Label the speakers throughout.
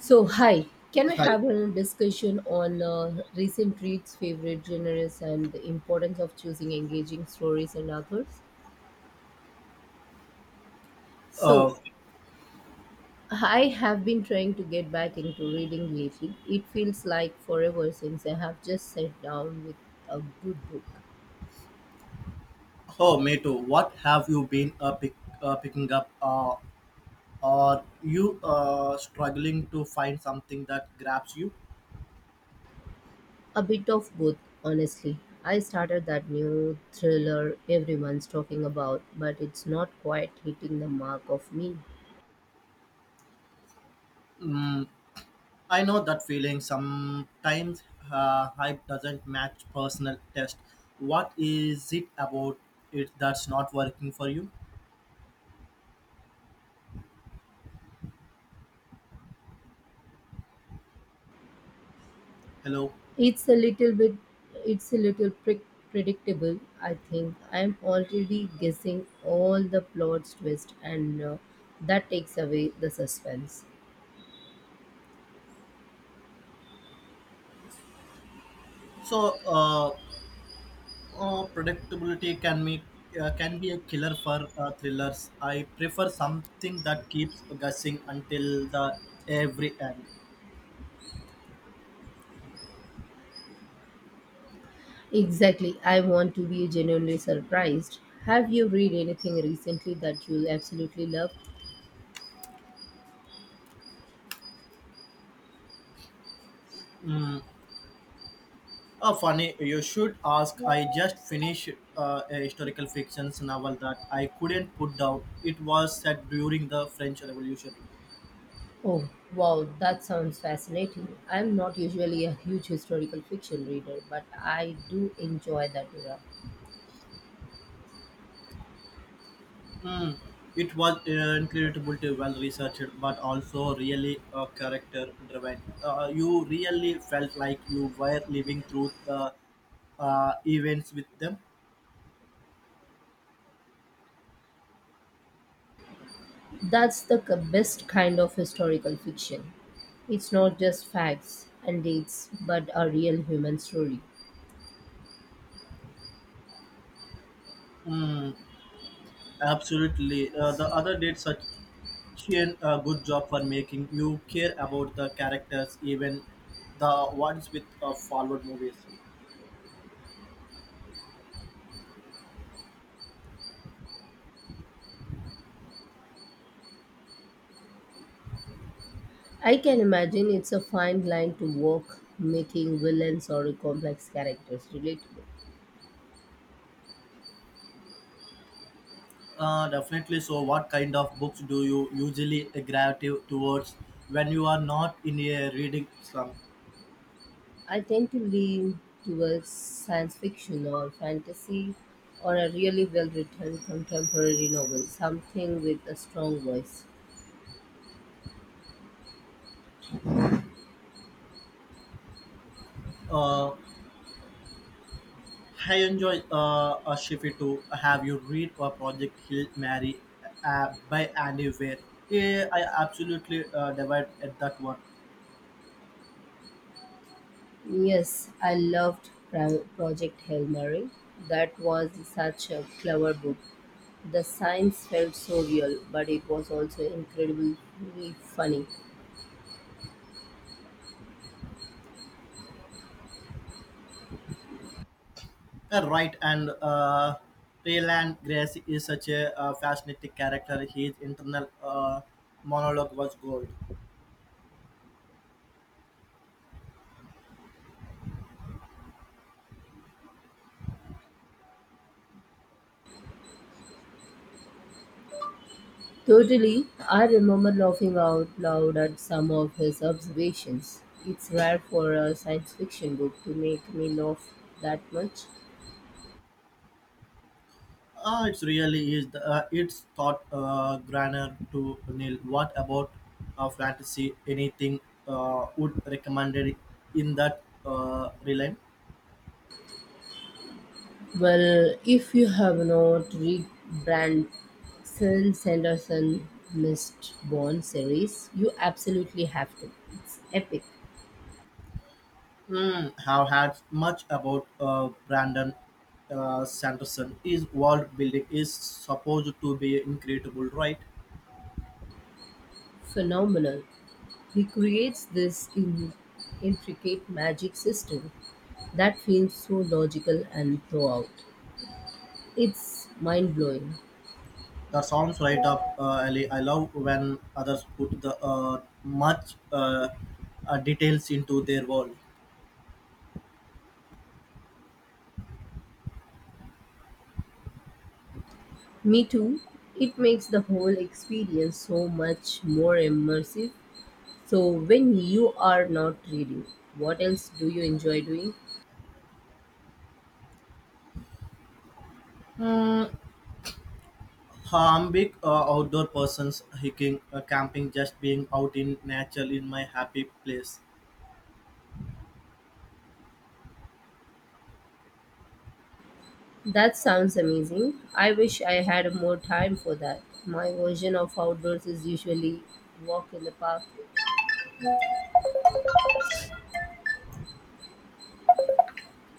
Speaker 1: So, hi, can we
Speaker 2: Hi.
Speaker 1: have a discussion on recent reads, favorite genres, and the importance of choosing engaging stories and authors? So,
Speaker 2: Uh,
Speaker 1: I have been trying to get back into reading lately. It feels like forever since I have just sat down with a good book.
Speaker 2: oh, me too. What have you been picking up? Are you struggling to find something that grabs you?
Speaker 1: A bit of both, honestly. I started that new thriller everyone's talking about, but it's not quite hitting the mark of me.
Speaker 2: Mm, I know that feeling. Sometimes hype doesn't match personal taste. What is it about it that's not working for you? Hello.
Speaker 1: It's a little bit, it's a little pre- predictable, I think. I'm already guessing all the plot twist, and that takes away the suspense.
Speaker 2: So, predictability can make can be a killer for thrillers. I prefer something that keeps guessing until the every end.
Speaker 1: Exactly. I want to be genuinely surprised. Have you read anything recently that you absolutely love?
Speaker 2: Mm. Funny, you should ask. I just finished a historical fiction novel that I couldn't put down. It was set during the French Revolution.
Speaker 1: Oh, wow, that sounds fascinating. I'm not usually a huge historical fiction reader, but I do enjoy that era.
Speaker 2: Hmm, it was incredibly well researched, but also really character driven. You really felt like you were living through the events with them.
Speaker 1: That's the best kind of historical fiction. It's not just facts and dates, but a real human story.
Speaker 2: Mm, absolutely. The other did such a good job for making you care about the characters, even the ones with forward movies.
Speaker 1: I can imagine it's a fine line to walk, making villains or complex characters relatable.
Speaker 2: Definitely. So, what kind of books do you usually gravitate towards when you are not in a reading slump?
Speaker 1: I tend to lean towards science fiction or fantasy or a really well written contemporary novel, something with a strong voice.
Speaker 2: Uh, I enjoy a Shifi too. Have you read a Project Hill Mary by Andy Weir? Yeah, I absolutely devoured at that one.
Speaker 1: Yes, I loved Project Hail Mary. That was such a clever book. The science felt so real, but it was also incredibly funny.
Speaker 2: Right, and Rayland Grace is such a fascinating character. His internal monologue was gold.
Speaker 1: Totally, I remember laughing out loud at some of his observations. It's rare for a science fiction book to make me laugh that much.
Speaker 2: It's really is it's thought grander to Neil. What about fantasy? Anything would recommended in that realm?
Speaker 1: Well, if you have not read Branson Sanderson Mistborn series, you absolutely have to. It's epic,
Speaker 2: Hmm, have had much about Brandon Sanderson. His world building is supposed to be incredible, right?
Speaker 1: phenomenal. He creates this intricate magic system that feels so logical and throughout. It's mind blowing.
Speaker 2: That sounds right up alley. I love when others put the much details into their world.
Speaker 1: Me too. It makes the whole experience so much more immersive. So, when you are not reading, what else do you enjoy doing?
Speaker 2: Hmm, I'm big outdoor persons, hiking, camping, just being out in nature in my happy place.
Speaker 1: That sounds amazing. I wish I had more time for that. My version of outdoors is usually walk in the park.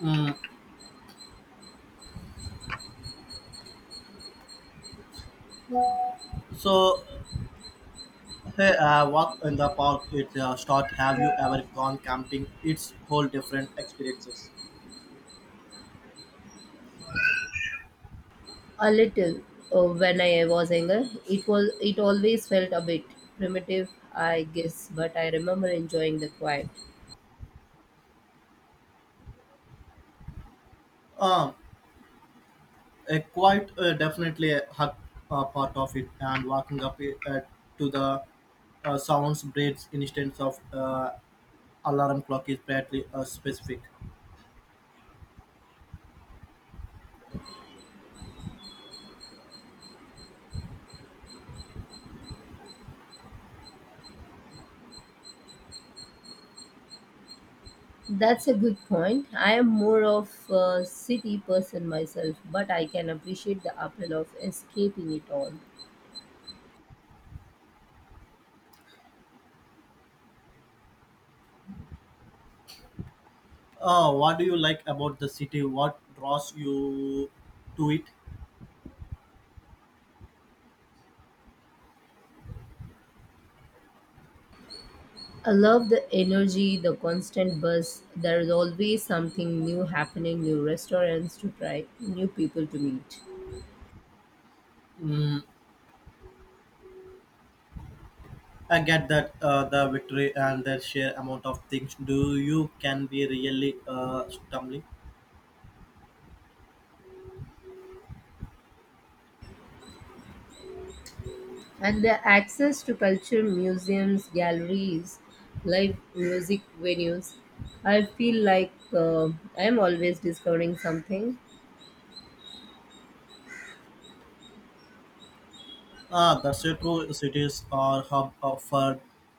Speaker 2: Mm. So, hey, a walk in the park, it's a start. Have you ever gone camping? It's whole different experiences.
Speaker 1: A little. When I was younger, it was it always felt a bit primitive, I guess, but I remember enjoying the quiet.
Speaker 2: Um, a quite definitely a, part of it, and walking up it to the sounds breeds instance of alarm clock is pretty specific.
Speaker 1: That's a good point. I am more of a city person myself, but I can appreciate the appeal of escaping it all.
Speaker 2: What do you like about the city? What draws you to it?
Speaker 1: I love the energy, the constant buzz. There is always something new happening, new restaurants to try, new people to meet.
Speaker 2: Mm, I get that the victory and the sheer amount of things do you can be really stumbling.
Speaker 1: And the access to culture, museums, galleries, live music venues. I feel like I am always discovering something.
Speaker 2: Ah, that's a true. Cities are for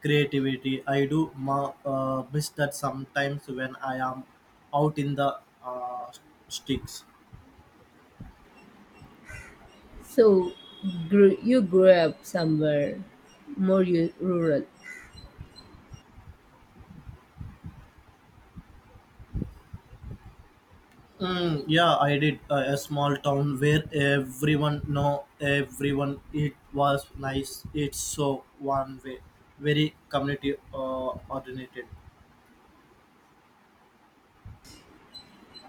Speaker 2: creativity. I do miss that sometimes when I am out in the sticks.
Speaker 1: So, you grew up somewhere more rural.
Speaker 2: Mm, yeah, I did a small town where everyone know everyone. It was nice. It's so one way, very community oriented.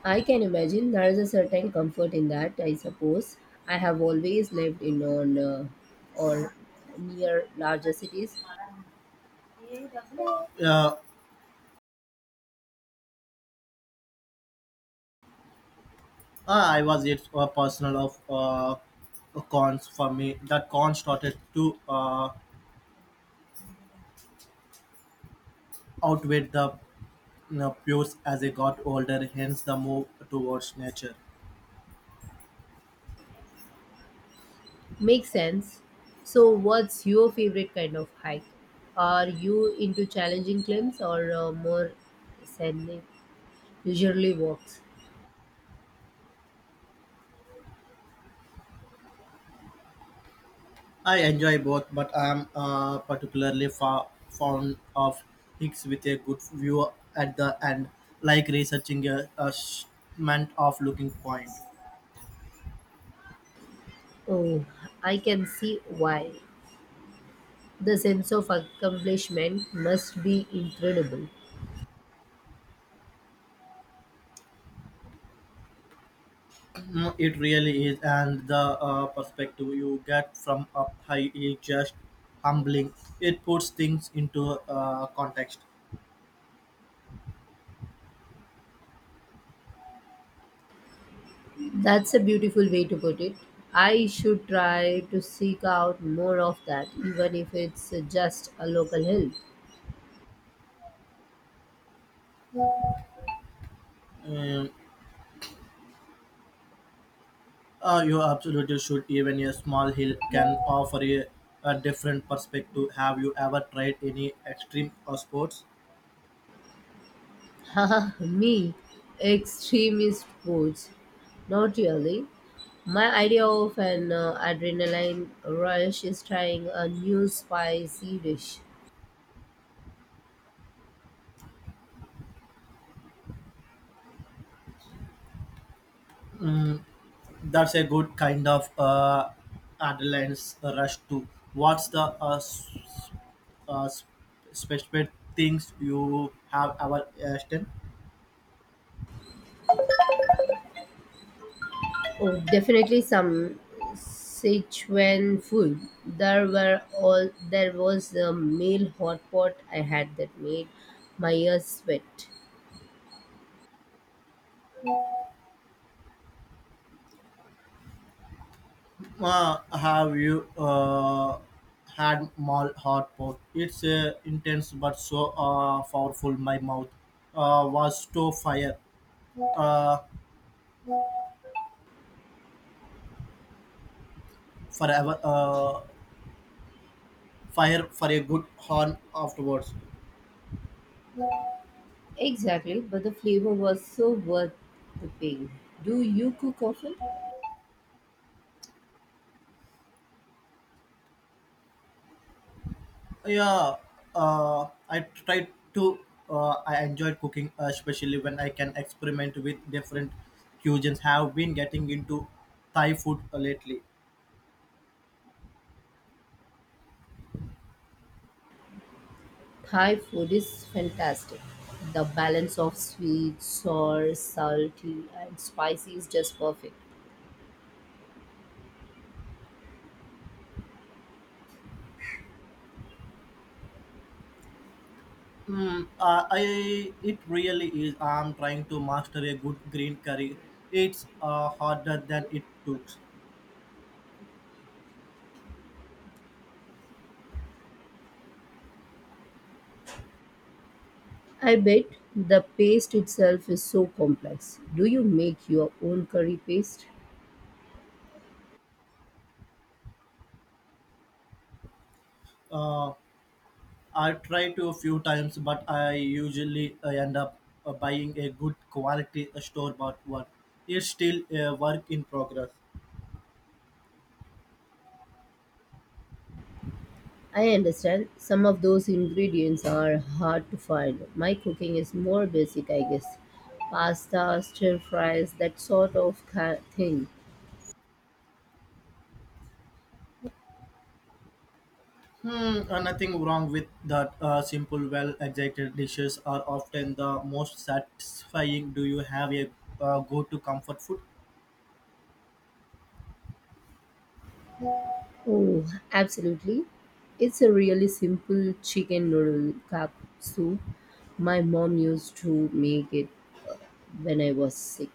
Speaker 1: I can imagine there is a certain comfort in that, I suppose. I have always lived in on or near larger cities.
Speaker 2: uh, I was it a personal of cons for me. That con started to outweighed the pros as I got older, hence the move towards nature.
Speaker 1: Makes sense. So, what's your favorite kind of hike? Are you into challenging climbs or more scenic, leisurely walks?
Speaker 2: I enjoy both, but I am particularly fond of hikes with a good view at the end, like researching a shipment of looking point.
Speaker 1: Oh, I can see why. The sense of accomplishment must be incredible.
Speaker 2: Mm, it really is, and the perspective you get from up high is just humbling. It puts things into context.
Speaker 1: That's a beautiful way to put it. I should try to seek out more of that, even if it's just a local help.
Speaker 2: Um, you absolutely should. Even a small hill can offer a different perspective. Have you ever tried any extreme sports?
Speaker 1: Haha, me, extremist sports. Not really. My idea of an adrenaline rush is trying a new spicy dish.
Speaker 2: Mm, that's a good kind of adrenaline rush too. What's the uh, s- specific things you have ever done?
Speaker 1: Oh, definitely some Sichuan food. There were all there was a meal hot pot I had that made my ears sweat.
Speaker 2: Have you had mall hot pot? It's intense but so powerful. My mouth was to fire uh, forever. Fire for a good horn afterwards.
Speaker 1: Exactly, but the flavor was so worth the pain. Do you cook often?
Speaker 2: Yeah, I tried to. I enjoyed cooking, especially when I can experiment with different cuisines. Have been getting into Thai food lately.
Speaker 1: Thai food is fantastic. The balance of sweet, sour, salty, and spicy is just perfect.
Speaker 2: I it really is. I'm trying to master a good green curry. It's harder than it looks.
Speaker 1: I bet the paste itself is so complex. Do you make your own curry paste?
Speaker 2: Uh, I try to a few times, but I usually end up buying a good quality store bought one. It's still a work in progress.
Speaker 1: I understand some of those ingredients are hard to find. My cooking is more basic, I guess. Pasta, stir fries, that sort of thing.
Speaker 2: Nothing wrong with that. Simple, well executed dishes are often the most satisfying. Do you have a go to comfort food?
Speaker 1: Oh, absolutely. It's a really simple chicken noodle cup soup. My mom used to make it when I was sick.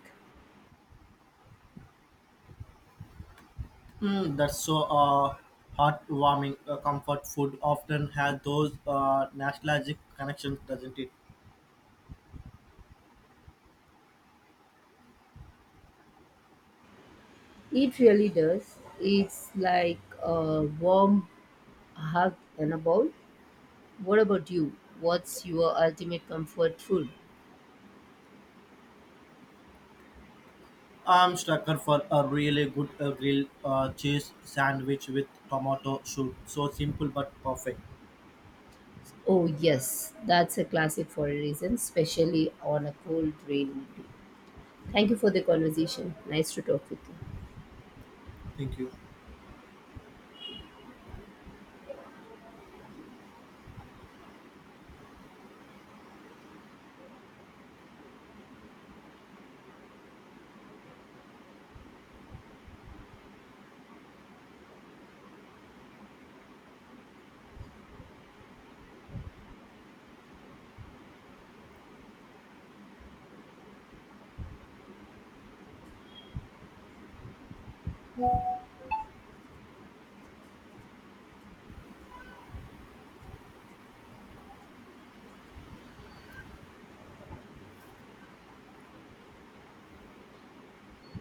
Speaker 2: Mm, that's so heartwarming. Comfort food often has those nostalgic connections, doesn't it?
Speaker 1: It really does. It's like a warm hug and a bowl. What about you? What's your ultimate comfort food?
Speaker 2: I'm sucker for a really good grilled cheese sandwich with tomato soup. So simple but perfect.
Speaker 1: Oh, yes, that's a classic for a reason, especially on a cold, rainy day. Thank you for the conversation. Nice to talk with you.
Speaker 2: Thank you.